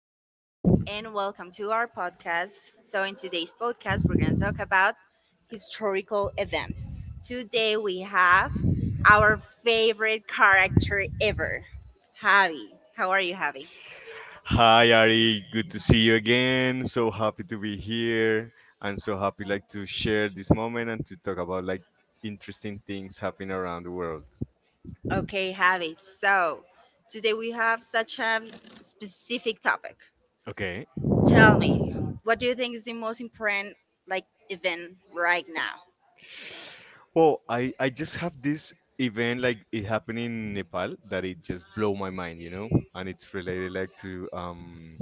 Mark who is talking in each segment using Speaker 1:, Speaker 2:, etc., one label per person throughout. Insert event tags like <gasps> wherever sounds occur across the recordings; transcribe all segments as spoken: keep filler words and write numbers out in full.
Speaker 1: morning and welcome to our podcast. So, in today's podcast, we're going to talk about historical events. Today, we have our favorite character ever, Javi. How are you, Javi?
Speaker 2: Hi Ari, good to see you again. So happy to be here and so happy like to share this moment and to talk about like interesting things happening around the world.
Speaker 1: Okay, Javi. So, today we have such a specific topic.
Speaker 2: Okay.
Speaker 1: Tell me, what do you think is the most important like event right now?
Speaker 2: Well, I I just have this event like it happened in Nepal that it just blow my mind, you know, and it's related like to um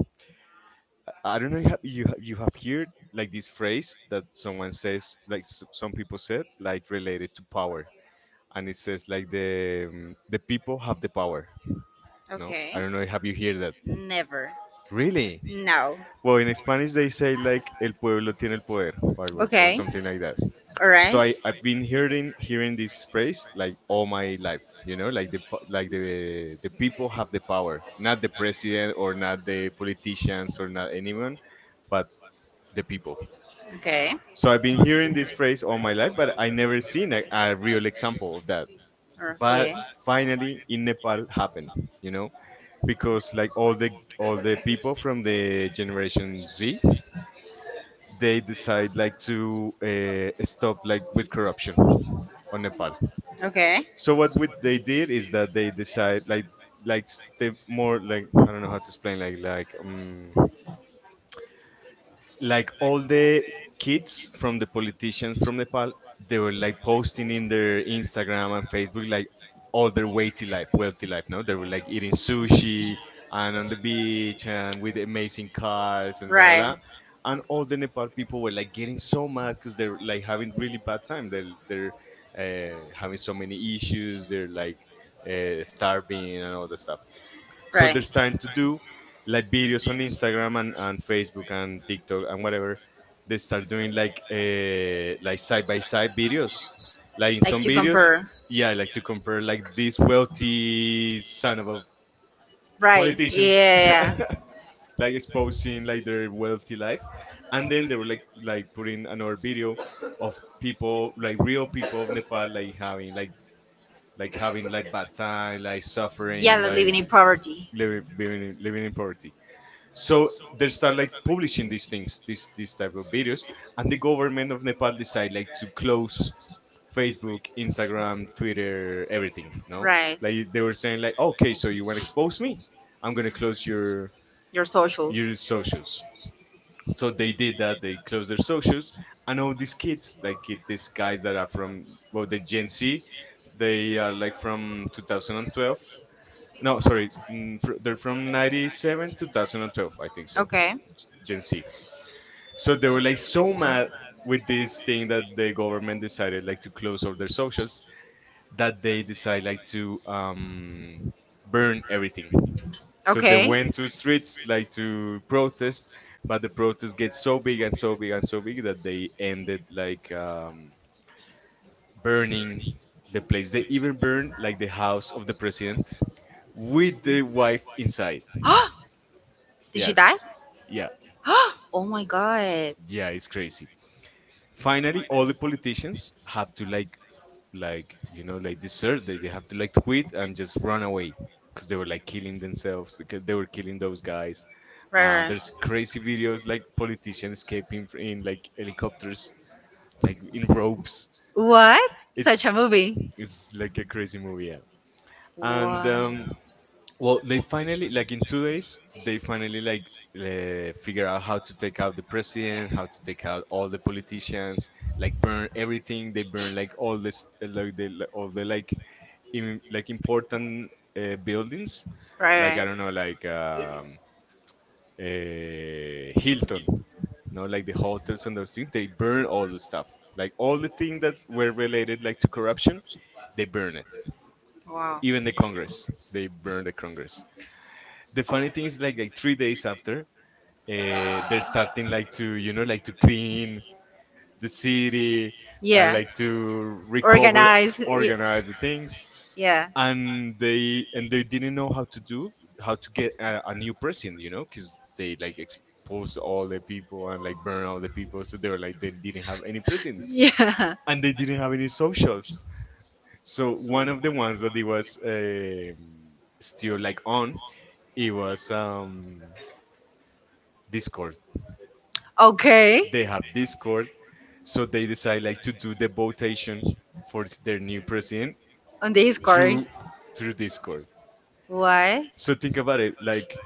Speaker 2: I I don't know you have you ha- you have heard like this phrase that someone says like s- some people said like related to power and it says like the um, the people have the power. No, I
Speaker 1: Okay.
Speaker 2: don't know. Have you heard that?
Speaker 1: Never.
Speaker 2: Really?
Speaker 1: No.
Speaker 2: Well, in Spanish they say like "el pueblo tiene el poder" or algo- or
Speaker 1: Okay.
Speaker 2: something like that.
Speaker 1: All right.
Speaker 2: So I I've been hearing hearing this phrase like all my life. You know, like the po- like the the people have the power, not the president or not the politicians or not anyone, but the people.
Speaker 1: Okay.
Speaker 2: So I've been hearing this phrase all my life, but I never seen a, a real example of that. But
Speaker 1: Okay.
Speaker 2: finally, in Nepal, happened. You know, because like all the all the people from the generation Z they decide like to uh, stop like with corruption on Nepal.
Speaker 1: Okay.
Speaker 2: So what would they did is that they decide like like s- they more like I don't know how to explain like like um like all the kids from the politicians from Nepal, they were like posting in their Instagram and Facebook like all their weighty life, wealthy life. No, they were like eating sushi and on the beach and with amazing cars and blah blah
Speaker 1: Right.
Speaker 2: blah. And all the Nepal people were like getting so mad because they're like having really bad time. They're they're uh, having so many issues. They're like uh, starving and all the stuff. So
Speaker 1: Right.
Speaker 2: there's time to do like videos on Instagram and, and Facebook and TikTok and whatever. They start doing like uh, like side by side videos. Like in
Speaker 1: Like
Speaker 2: some
Speaker 1: to
Speaker 2: videos,
Speaker 1: compare.
Speaker 2: yeah, like to compare like these wealthy son of a
Speaker 1: Right.
Speaker 2: politicians,
Speaker 1: Yeah. Yeah.
Speaker 2: <laughs> like exposing like their wealthy life, and then they were like like putting another video of people like real people of Nepal like having like like having like bad time, like
Speaker 1: Yeah,
Speaker 2: suffering,
Speaker 1: like
Speaker 2: like
Speaker 1: living in poverty.
Speaker 2: living living in, living in poverty. So they start like publishing these things, this this type of videos, and the government of Nepal decide like to close Facebook, Instagram, Twitter, everything. No,
Speaker 1: Right.
Speaker 2: like they were saying like, okay, so you want to expose me, I'm going to close your
Speaker 1: Your
Speaker 2: your
Speaker 1: socials.
Speaker 2: socials. So they did that. They closed their socials. And all these kids like kid- these guys that are from, well, the Gen Z, they are like from two thousand twelve. No, sorry. mm, fr- They're from ninety-seven, twenty twelve, I think so.
Speaker 1: Okay.
Speaker 2: Gen Z. So they were like so mad with this thing that the government decided like to close all their socials that they decide like to um, burn everything. So they
Speaker 1: Okay.
Speaker 2: went to streets like to protest, but the protest gets so big and so big and so big that they ended like um, burning the place. They even burned like the house of the president with the wife inside.
Speaker 1: <gasps> Did she
Speaker 2: Yeah,
Speaker 1: die?
Speaker 2: yeah,
Speaker 1: <gasps> Oh my god.
Speaker 2: <gasps> yeah. It's crazy. Finally, all the politicians have to like, like you know, like desert. They, they have to like quit and just run away because they were like killing themselves. Like, they were killing those guys.
Speaker 1: Right,
Speaker 2: Uh, there's
Speaker 1: right.
Speaker 2: crazy videos like politicians escaping fr- in like helicopters, like in ropes.
Speaker 1: What?
Speaker 2: It's
Speaker 1: Such a movie.
Speaker 2: it's like a crazy movie. Yeah. And
Speaker 1: Wow.
Speaker 2: um, well, they finally like in two days they finally like uh, figure out how to take out the president, how to take out all the politicians, like burn everything. They burn like all this, like the like, all the like Im- like important uh, buildings, like
Speaker 1: Right,
Speaker 2: I don't know, like
Speaker 1: right.
Speaker 2: um, uh, Hilton, no, like the hotels and those things. They burn all the stuff, like all the things that were related like to corruption. They burn it.
Speaker 1: Wow.
Speaker 2: Even the Congress, they burn the Congress. The funny thing is like like three days after uh, they're starting like to you know like to clean the city and
Speaker 1: Yeah.
Speaker 2: like to recover,
Speaker 1: Organize. y-
Speaker 2: organize the things,
Speaker 1: Yeah.
Speaker 2: and they and they didn't know how to do how to get a, a new president, you know, because they like exposed all the people and like burn all the people, so they were like they didn't have any presidents
Speaker 1: Yeah. <laughs>
Speaker 2: and they didn't have any socials. So one of the ones that it was um still like on, it was um Discord.
Speaker 1: Okay.
Speaker 2: They Okay. have Discord. So they decide like to do the votation for their new president
Speaker 1: On the Discord.
Speaker 2: through through Discord.
Speaker 1: Why?
Speaker 2: So think about it, like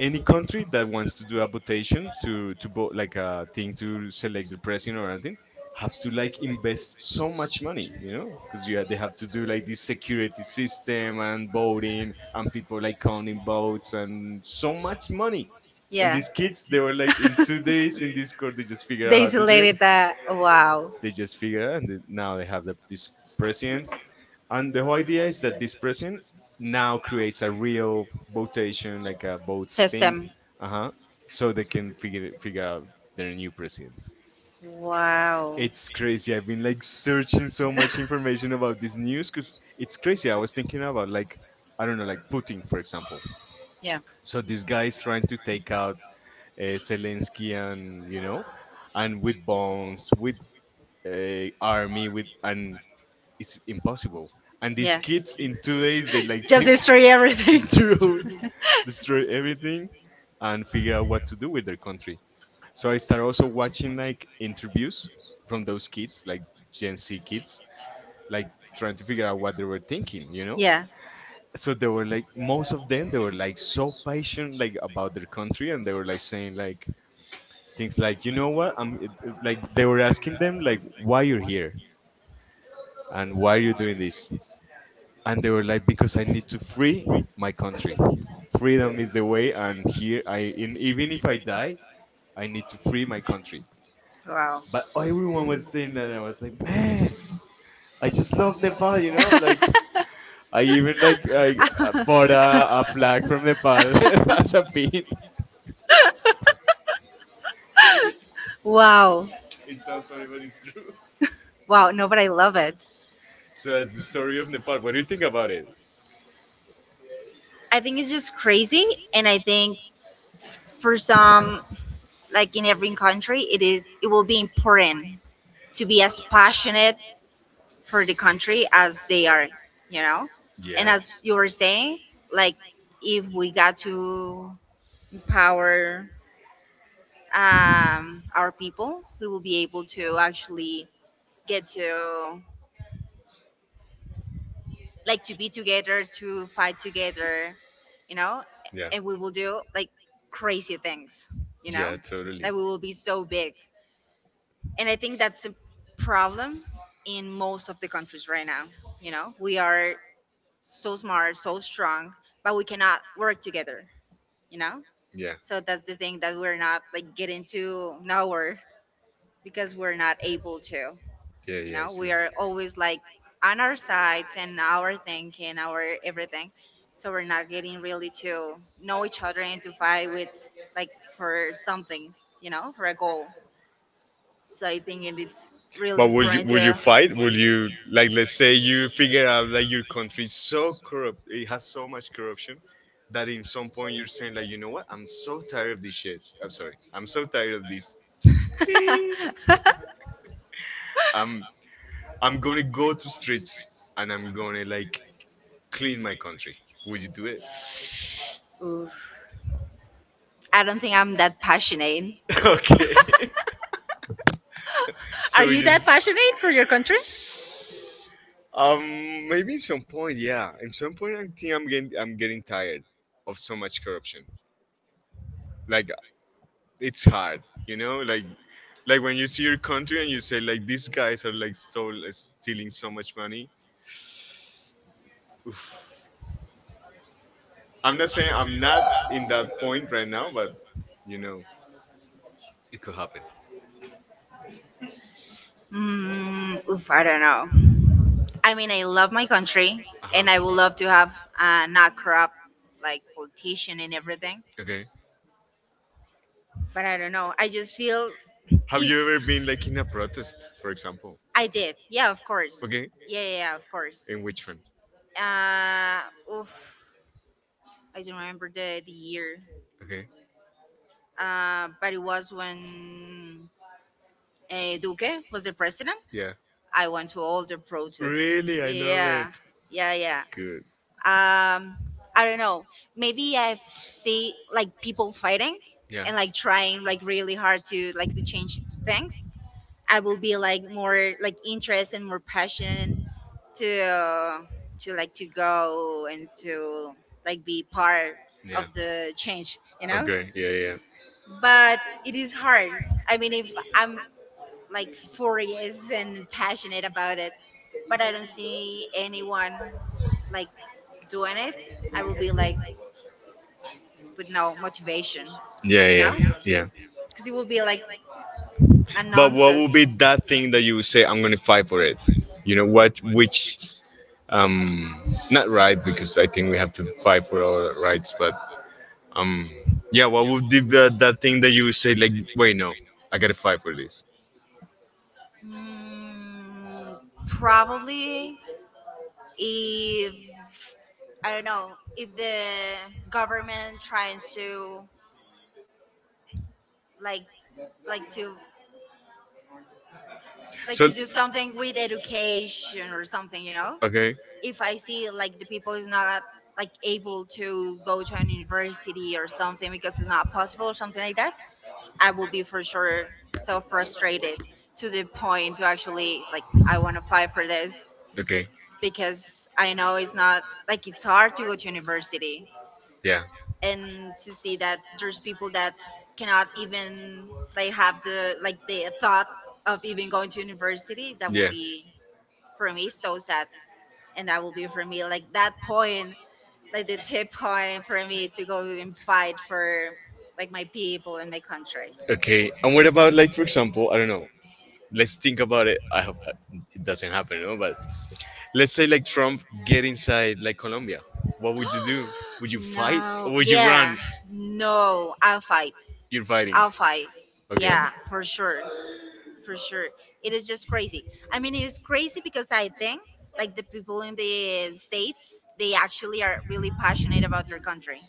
Speaker 2: any country that wants to do a votation to to vote like a thing to select the president or anything have to like invest so much money, you know, because yeah they have to do like this security system and voting and people like counting votes and so much money. And
Speaker 1: Yeah.
Speaker 2: these kids, they were like in two days in Discord they just figured
Speaker 1: <laughs>
Speaker 2: out
Speaker 1: They
Speaker 2: how to do it.
Speaker 1: isolated that. Wow.
Speaker 2: They just figure out. And they, now they have the, this president, and the whole idea is that this president now creates a real votation, like a vote thing,
Speaker 1: System.
Speaker 2: uh-huh, so they can figure figure out their new president.
Speaker 1: Wow.
Speaker 2: It's crazy. I've been like searching so much information about this news because it's crazy. I was thinking about like I don't know like Putin, for example.
Speaker 1: Yeah.
Speaker 2: So this guy is trying to take out uh, Zelensky, and you know, and with bombs, with uh, army, with, and it's impossible. And these
Speaker 1: Yeah.
Speaker 2: kids in two days they like
Speaker 1: Just
Speaker 2: took
Speaker 1: destroy
Speaker 2: <laughs>
Speaker 1: everything.
Speaker 2: destroy
Speaker 1: <laughs>
Speaker 2: destroy everything and figure out what to do with their country. So I start also watching like interviews from those kids, like Gen Z kids, like trying to figure out what they were thinking, you know?
Speaker 1: Yeah.
Speaker 2: So they were like most of them they were like so patient like about their country, and they were like saying like things like, you know what? I'm like they were asking them like, why you're here and why are you doing this? And they were like, because I need to free my country, freedom is the way, and here I in, even if I die, I need to free my country.
Speaker 1: Wow.
Speaker 2: But everyone was saying that, and I was like, man, I just love Nepal, you know, like I even like I uh, bought a, a flag from Nepal <laughs> as a pin. <laughs> Really,
Speaker 1: Wow.
Speaker 2: it sounds funny, but it's true.
Speaker 1: Wow. No, but I love it.
Speaker 2: So that's the story of Nepal. What do you think about it?
Speaker 1: I think it's just crazy, and I think for some, like in every country, it is. It will be important to be as passionate for the country as they are, you know? And
Speaker 2: Yeah.
Speaker 1: as you were saying, like if we got to empower um, our people, we will be able to actually get to like to be together, to fight together, you know, and we will do like crazy things, you know, that we will be so big. And I think that's a problem in most of the countries right now. You know, we are so smart, so strong, but we cannot work together, you know?
Speaker 2: Yeah,
Speaker 1: So that's the thing that we're not like getting to nowhere because we're not able to,
Speaker 2: yeah.
Speaker 1: you
Speaker 2: yeah,
Speaker 1: know? We are always like on our sides and our thinking, our everything. So we're not getting really to know each other and to fight with like for something, you know, for a goal. So I think it- it's really
Speaker 2: But would you
Speaker 1: important
Speaker 2: would you
Speaker 1: to.
Speaker 2: fight? Would you like, let's say you figure out that your country is so corrupt, it has so much corruption that in some point you're saying like, you know what, I'm so tired of this shit. I'm sorry. I'm so tired of this. I'm I'm gonna go to streets and I'm gonna like clean my country. Would you do it?
Speaker 1: Ooh, I don't think I'm that passionate.
Speaker 2: <laughs> Okay. <laughs>
Speaker 1: Are
Speaker 2: So we
Speaker 1: you that
Speaker 2: just
Speaker 1: passionate for your country?
Speaker 2: um maybe in some point, yeah. In some point I think I'm getting I'm getting tired of so much corruption. Like, it's hard, you know, like like when you see your country and you say like these guys are like stole stealing so much money. Oof. I'm not saying I'm not in that point right now, but you know, it could happen.
Speaker 1: Mm, oof, I don't know. I mean, I love my country,
Speaker 2: Uh-huh.
Speaker 1: and I would love to have uh, not corrupt like politician and everything.
Speaker 2: Okay,
Speaker 1: But I don't know. I just feel
Speaker 2: have
Speaker 1: if
Speaker 2: you ever been like in a protest, for example?
Speaker 1: I did, yeah, of course,
Speaker 2: Okay,
Speaker 1: yeah, yeah, yeah, of course.
Speaker 2: in which one?
Speaker 1: Uh, oof, I don't remember the the year.
Speaker 2: Okay.
Speaker 1: Uh, but it was when uh, Duque was the president.
Speaker 2: Yeah.
Speaker 1: I went to all the protests.
Speaker 2: Really, I love it.
Speaker 1: Yeah, yeah, yeah.
Speaker 2: Good.
Speaker 1: Um, I don't know. Maybe I see like people fighting
Speaker 2: Yeah.
Speaker 1: and like trying like really hard to like to change things. I will be like more like interest and more passion to uh, to like to go and to like be part
Speaker 2: Yeah.
Speaker 1: of the change. You know,
Speaker 2: Okay. Yeah. Yeah.
Speaker 1: but it is hard. I mean, if I'm like furious and passionate about it, but I don't see anyone like doing it, I will be like with no motivation,
Speaker 2: Yeah.
Speaker 1: you
Speaker 2: Yeah.
Speaker 1: know?
Speaker 2: Yeah.
Speaker 1: Because it will be like a
Speaker 2: But what would be
Speaker 1: nonsense.
Speaker 2: that thing that you would say, I'm gonna fight for it? You know what? Which um, not right, because I think we have to fight for our rights, but um, yeah, what would be that, that thing that you would say like, wait, no, I gotta fight for this?
Speaker 1: Mm, probably if I don't know if the government tries to like like to like
Speaker 2: So
Speaker 1: to do something with education or something, you know,
Speaker 2: okay,
Speaker 1: if I see like the people is not like able to go to an university or something because it's not possible or something like that, I will be for sure so frustrated to the point to actually like I want to fight for this
Speaker 2: okay,
Speaker 1: because I know it's not like it's hard to go to university
Speaker 2: yeah,
Speaker 1: and to see that there's people that cannot even like have the like the thought of even going to university that
Speaker 2: yeah,
Speaker 1: will be for me so sad and that will be for me like that point like the tip point for me to go and fight for like my people and my country.
Speaker 2: okay. And what about like for example, I don't know, let's think about it, I hope it doesn't happen, no, but let's say like Trump get inside like Colombia, what would you do? Would
Speaker 1: <gasps>
Speaker 2: you fight or
Speaker 1: No,
Speaker 2: would you run?
Speaker 1: yeah, no, I'll fight.
Speaker 2: You're fighting.
Speaker 1: I'll fight.
Speaker 2: Okay.
Speaker 1: Yeah, for sure, for sure. It is just crazy. I mean, it is crazy because I think like the people in the states, they actually are really passionate about their country.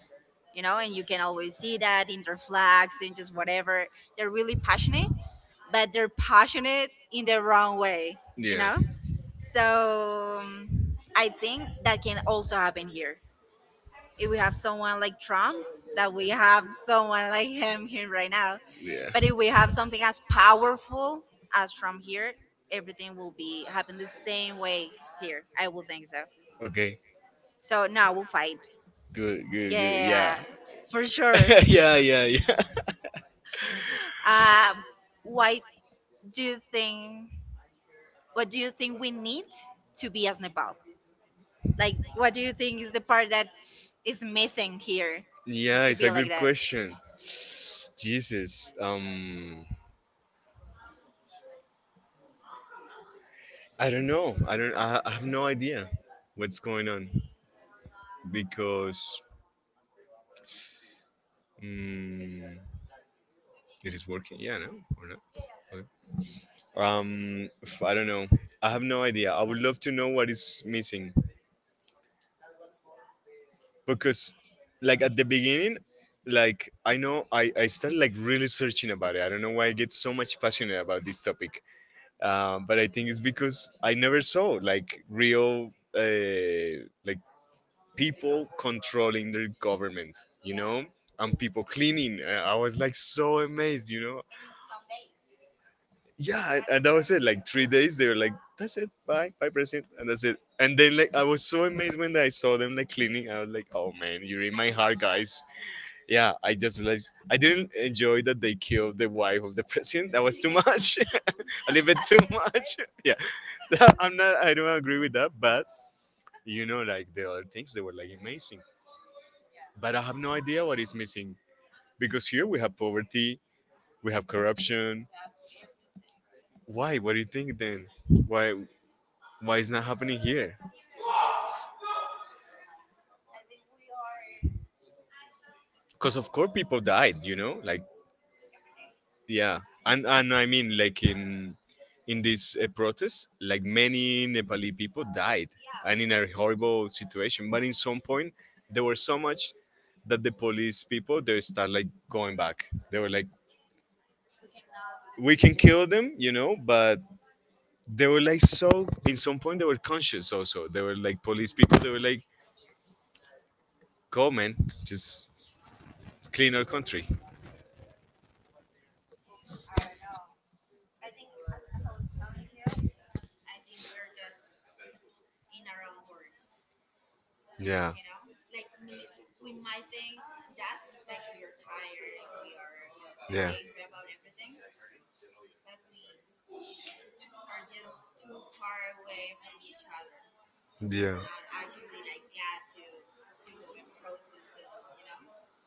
Speaker 1: You know, and you can always see that in their flags and just whatever. They're really passionate, but they're passionate in the wrong way. You
Speaker 2: Yeah.
Speaker 1: know? So I think that can also happen here. If we have someone like Trump, that we have <laughs> someone like him here right now.
Speaker 2: Yeah.
Speaker 1: But if we have something as powerful as Trump here, everything will be happen the same way here. I will think so.
Speaker 2: Okay.
Speaker 1: So now we'll fight.
Speaker 2: Good. Good. Good. Yeah.
Speaker 1: Yeah, for sure.
Speaker 2: <laughs>
Speaker 1: <laughs>
Speaker 2: Yeah. Yeah. Yeah.
Speaker 1: Uh, why do you think? What do you think we need to be as Nepal? Like, what do you think is the part that is missing here
Speaker 2: Yeah.
Speaker 1: to
Speaker 2: It's a
Speaker 1: be
Speaker 2: good
Speaker 1: like that.
Speaker 2: question. Jesus. Um. I don't know. I don't. I, I have no idea what's going on because mm, it is working. Yeah. No. Or not? um f- I don't know, I have no idea. I would love to know what is missing because like at the beginning, like I know i i started like really searching about it. I don't know why I get so much passionate about this topic, uh, but I think it's because I never saw like real uh, like people controlling their government, you know and people cleaning, uh, I was like so amazed, you know yeah, and, and that was it. Like three days, they were like, "That's it, bye, bye, president," and that's it. And then like I was so amazed when I saw them like cleaning. I was like, "Oh man, you're in my heart, guys." Yeah, I just like I didn't enjoy that they killed the wife of the <laughs> president. That was too much, <laughs> a little bit too much. <laughs> Yeah, <laughs> I'm not. I don't agree with that, but you know, like the other things, they were like amazing. But I have no idea what is missing because here we have poverty, we have corruption. Why? What do you think then? Why? Why is not happening here? Because of course people died, you know like yeah, and and I mean like in in this uh, protest, like many Nepali people died and in a horrible situation. But in some point they were so much that the police people, they start like going back. They were like, "We can kill them," you know but they were like so in some point they were conscious also. They were like police people. They were like, "Go man, just clean our country." Yeah. Yeah.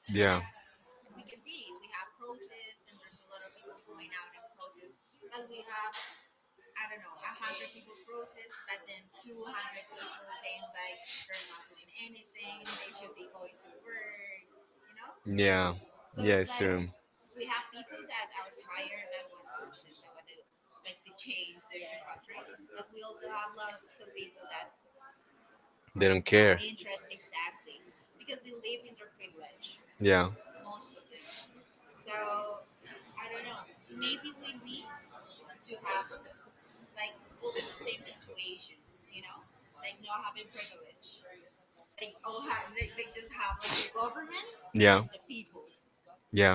Speaker 2: And yeah. So true. They don't no. Yeah. Yeah. Yeah.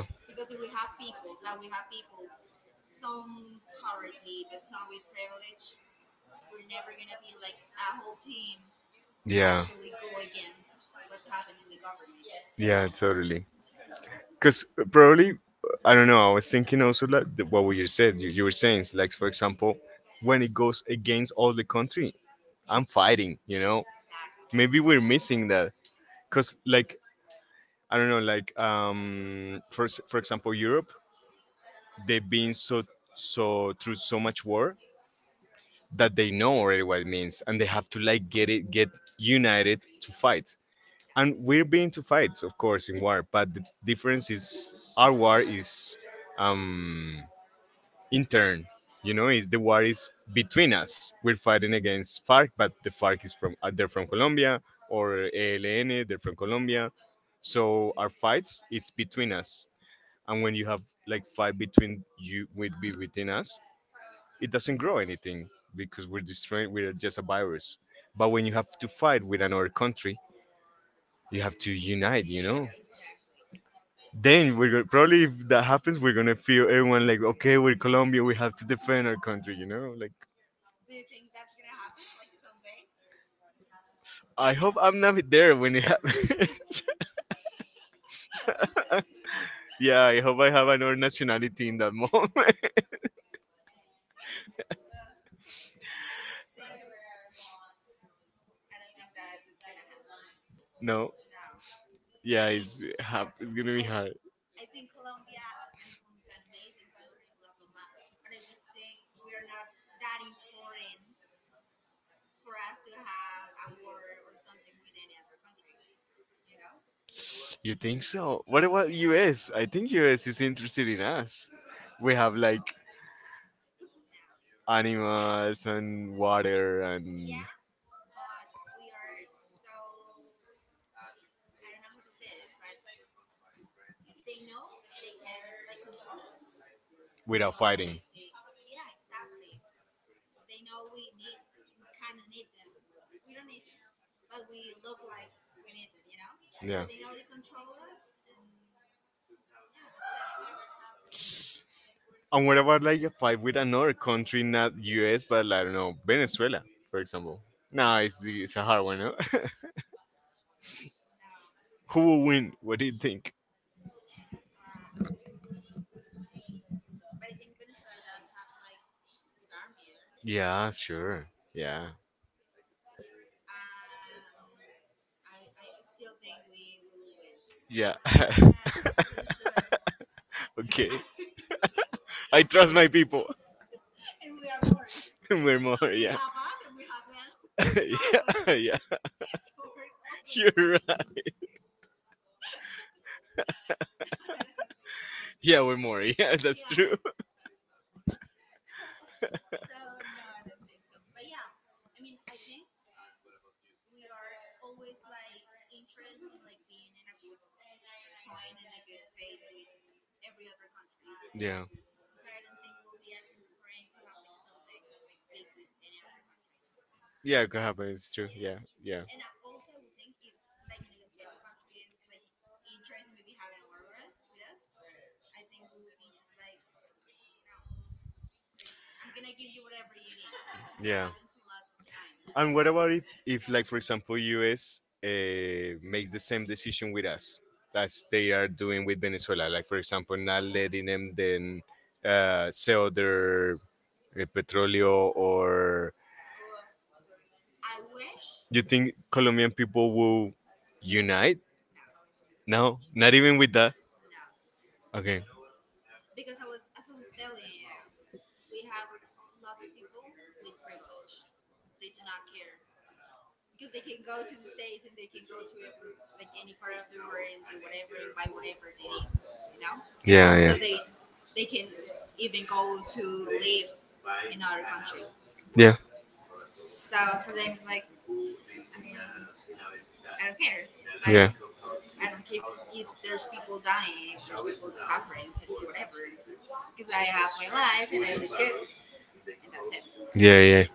Speaker 2: Yeah. Yeah, totally. Because probably, uh, I don't know, I was thinking also like the- what you said, you, you were saying, it's like, for example, when it goes against all the country, I'm fighting, you know? Maybe we're missing that. Because, like, I don't know, like, um, for, s- for example, Europe, they've been so, so through so much war that they know already what it means and they have to, like, get it, get united to fight. And we're being to fights of course in war, but the difference is our war is um intern, you know, is the war is between us. We're fighting against FARC, but the FARC is from, uh, they're from Colombia, or ELN, they're from Colombia. So our fights, it's between us. And when you have like fight between you with be within us, it doesn't grow anything because we're destroying, we're just a virus. But when you have to fight with another country, you have to unite, you know. Then we're go- probably if that happens, we're gonna feel everyone like, "Okay, we're Colombia, we have to defend our country," you know. Like I hope I'm not there when it happens. <laughs> Yeah, I hope I have another nationality in that moment. <laughs> No. Yeah, it's hap- it's gonna be hard. You think so? What about US? I think US is interested in us. We have like animals and water and without fighting. Yeah. And what about like a fight with another country, not U S, but like, I don't know, Venezuela, for example? Nah, it's, it's a hard one. No? <laughs> Who will win? What do you think? Yeah, sure. Yeah. Yeah. <laughs> Okay. I trust my people. <laughs> We're more, yeah. <laughs> Yeah, yeah. You're right. Yeah, we're more. Yeah, that's true. <laughs> Yeah. Yeah, it could happen. It's true. Yeah, yeah, yeah. And what about if, if like for example, U S. Uh, makes the same decision with us as they are doing with Venezuela? Like for example, not letting them then, uh, sell their uh, petroleum, or you think Colombian people will unite? No, not even with that. Okay. Yeah, yeah, yeah, yeah, yeah, yeah,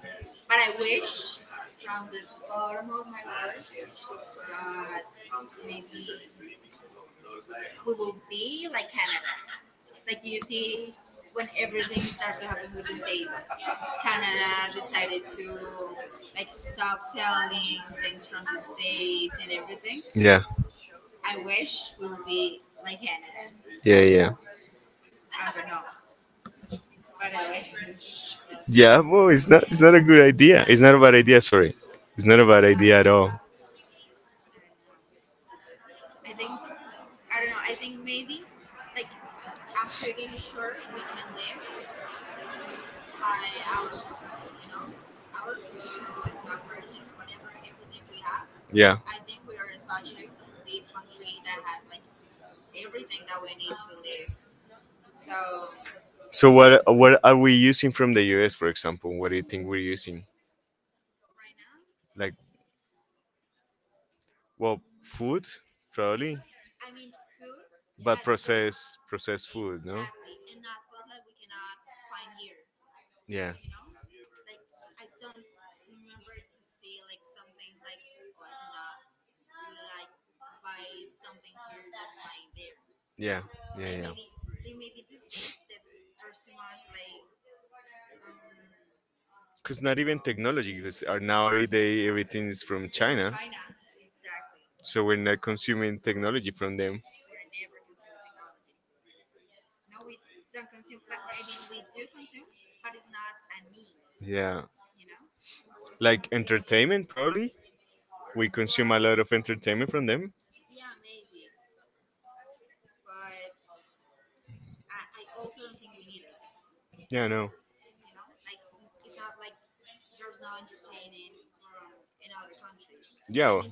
Speaker 2: yeah, yeah, yeah. Yeah, well, it's not it's not a good idea. It's not a bad idea. Sorry, it's not a bad idea at all. Yeah. So what what are we using from the U S for example? What do you think we're using? Like, well, food probably, but processed processed food, no? Yeah, yeah, yeah, yeah. Because not even technology, because our nowadays everything is from China, so we're not consuming technology from them. Yeah. Like entertainment probably, we consume a lot of entertainment from them. Yeah. No, yeah, I well,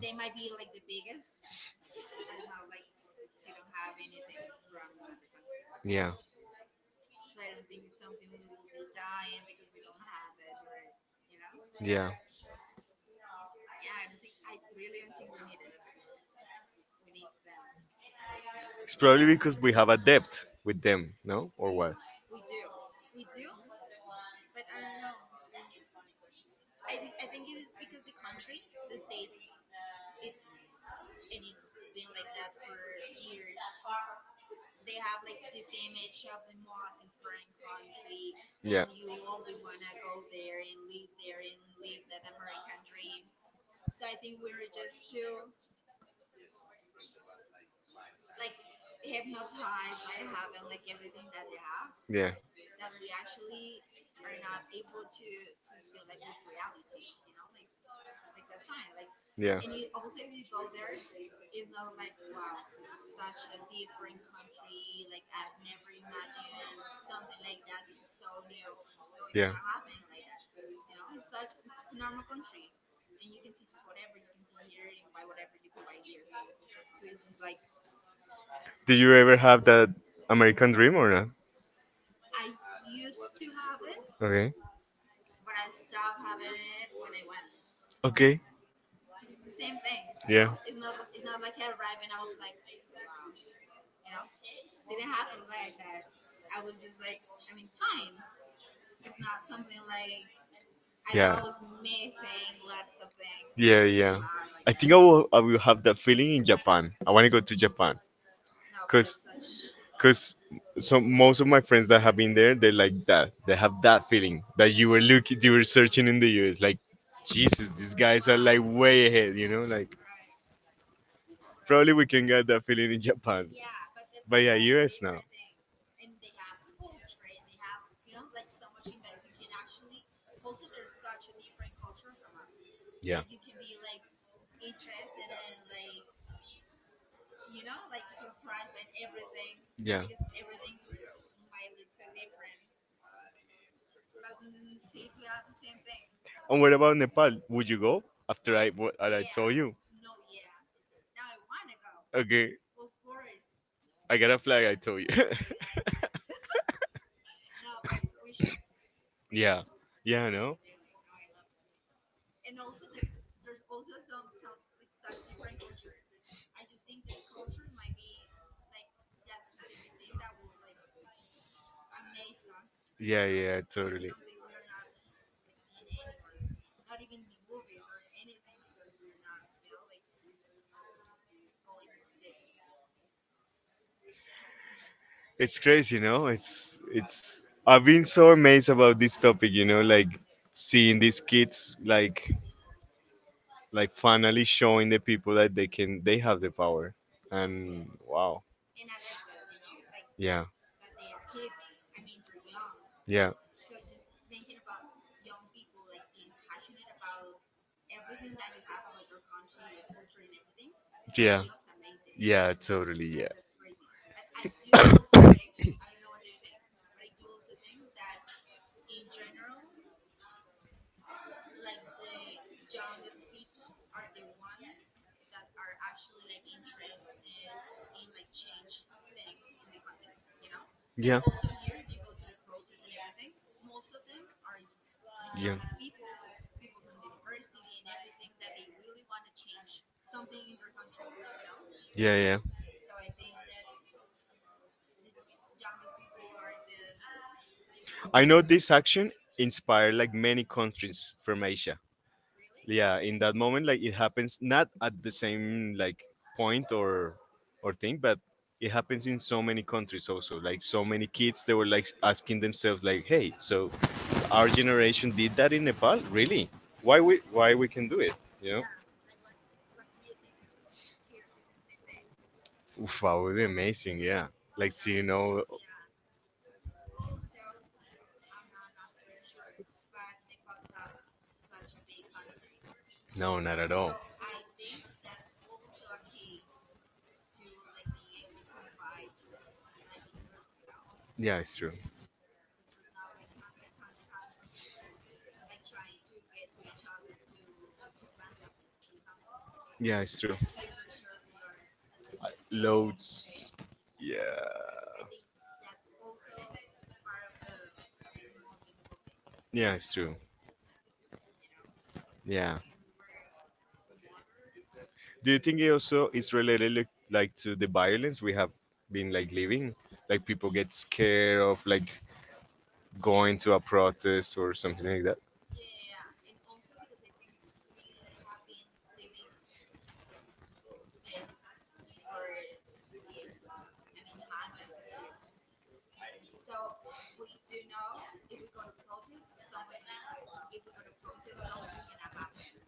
Speaker 2: yeah, yeah, it's probably because we have a debt with them, no, or what? Yeah, yeah. Yeah. Did you ever have that American dream or not? Okay. Okay. Yeah. No. Yeah. It's I think I will, I will have that feeling in Japan. I want to go to Japan. Because because so most of my friends that have been there, they're like that they have that feeling that you were looking, you were searching in the US like, "Jesus, these guys are like way ahead," you know. Like probably we can get that feeling in Japan, but yeah, US now. Yeah. Yeah. And what about Nepal? Would you go after I what I told you? Okay, I got a flag, I told you. <laughs> Yeah, yeah. No. Yeah, yeah, totally. It's crazy, no? It's it's I've been so amazed about this topic, you know, like seeing these kids like like finally showing the people that they can they have the power. And wow. Yeah, yeah. Yeah. Yeah, totally, yeah. <coughs> Yeah. Yeah. Yeah, yeah. I know this action inspired like many countries from Asia. Yeah, in that moment, like it happens not at the same like point or or thing, but it happens in so many countries also. Like so many kids, they were like asking themselves, like, "Hey, so our generation did that in Nepal? Really? Why we why we can do it? You know?" Oof, that would be amazing. Yeah. Like, see, you know, no, not at all. Yeah, it's true. Yeah, it's true. Loads. Yeah. Yeah, it's true. Yeah. Do you think it also is related like, like to the violence we have been like living? Like people get scared of like going to a protest or something like that.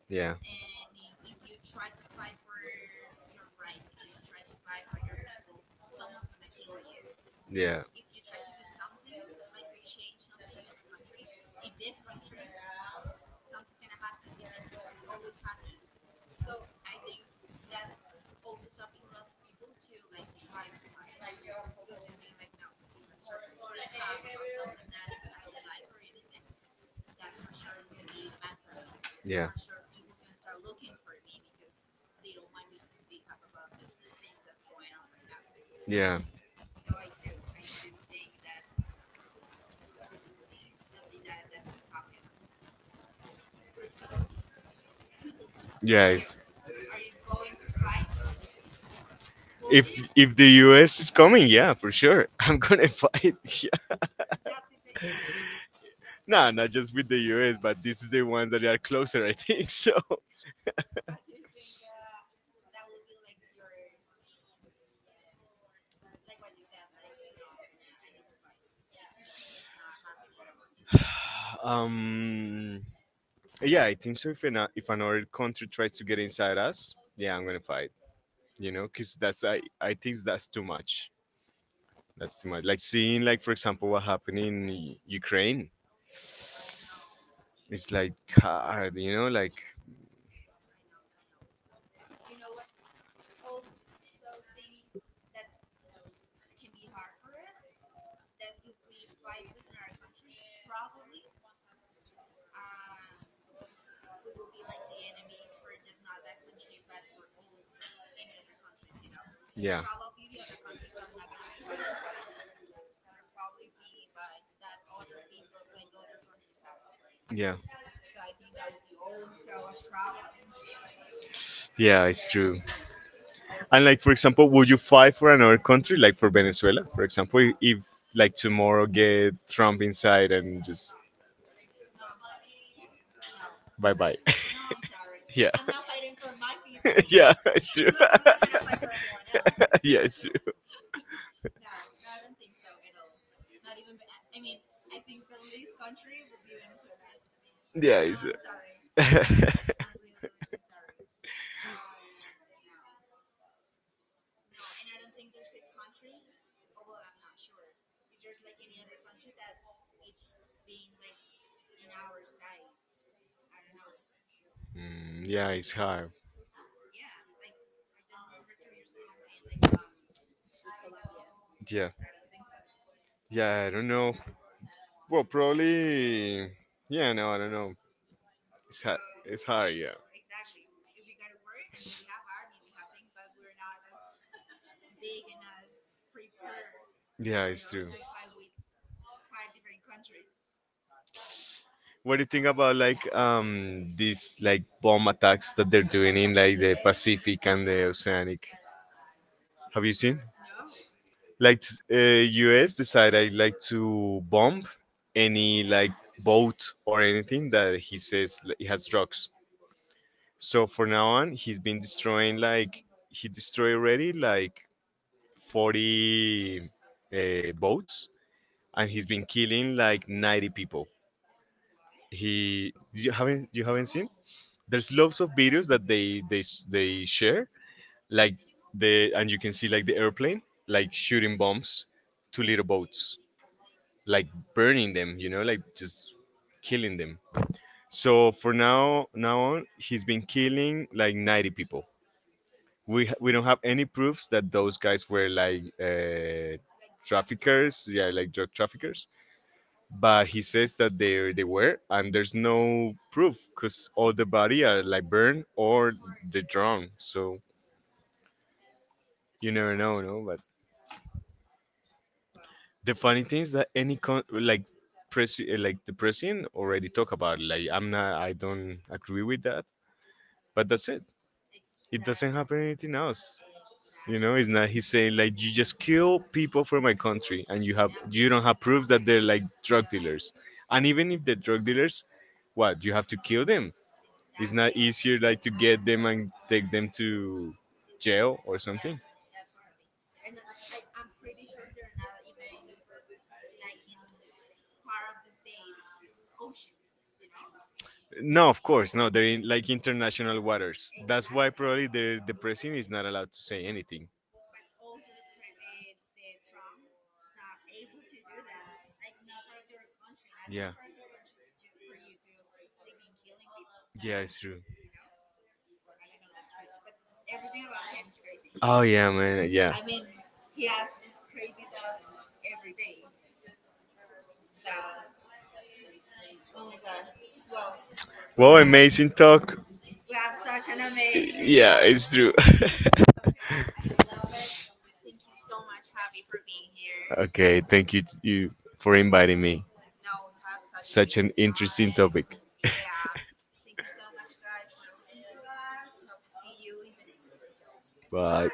Speaker 2: Yeah. Yeah. Yeah. Yeah. Yeah. It's, if if the U S is coming, yeah, for sure. <laughs> I'm gonna fight. <laughs> Yeah. Nah, not just with the U S, but this is the ones that are closer, I think. <laughs> So, <sighs> um, yeah, I think so. If an, if another country tries to get inside us, yeah, I'm gonna fight. You know, because that's I I think that's too much. That's too much. Like seeing, like for example, what happened in U- Ukraine. It's like hard, you know. Like yeah, yeah, yeah. It's true. And like for example, would you fight for another country, like for Venezuela, for example, i- if like tomorrow get Trump inside and just bye bye. <laughs> Yeah. <laughs> Yeah, it's true. <laughs> Yeah, it's true. Yeah, it's. <laughs> Mm, yeah, it's hard. Yeah, yeah, I don't know. Well, probably. Yeah, no, I don't know. It's hard. It's hard. Yeah, yeah, it's true. What do you think about like um these like bomb attacks that they're doing in like the Pacific and the Oceanic? Have you seen? Like uh, US decide I like to bomb any like boat or anything that he says li- it has drugs. So for now on, he's been destroying like he destroyed already like forty, uh, boats and he's been killing like ninety people. He you haven't, you haven't seen? There's loads of videos that they they s- they share like the and you can see like the airplane like shooting bombs to little boats like burning them, you know, like just killing them. So for now, now on, he's been killing like ninety people. We ha- we don't have any proofs that those guys were like, uh, traffickers, yeah, like drug traffickers. But he says that they they were, and there's no proof because all the body are like burned or they drowned. So you never know, no. But the funny thing is that any con- like press, uh, like the president already talk about it. Like I'm not, I don't agree with that, but that's it. It doesn't happen anything else, you know. It's not he's saying like, "You just kill people from my country and you have you don't have proof that they're like drug dealers. And even if they're drug dealers, what you have to kill them? It's not easier like to get them and take them to jail or something?" No, of course, no. They're in like international waters. That's why probably the the president is not allowed to say anything. Yeah. Yeah, it's true. Oh yeah, man. Yeah. Wow, amazing talk. Yeah, it's true. <laughs> Okay, you t- you for inviting me. Interesting topic. Bye.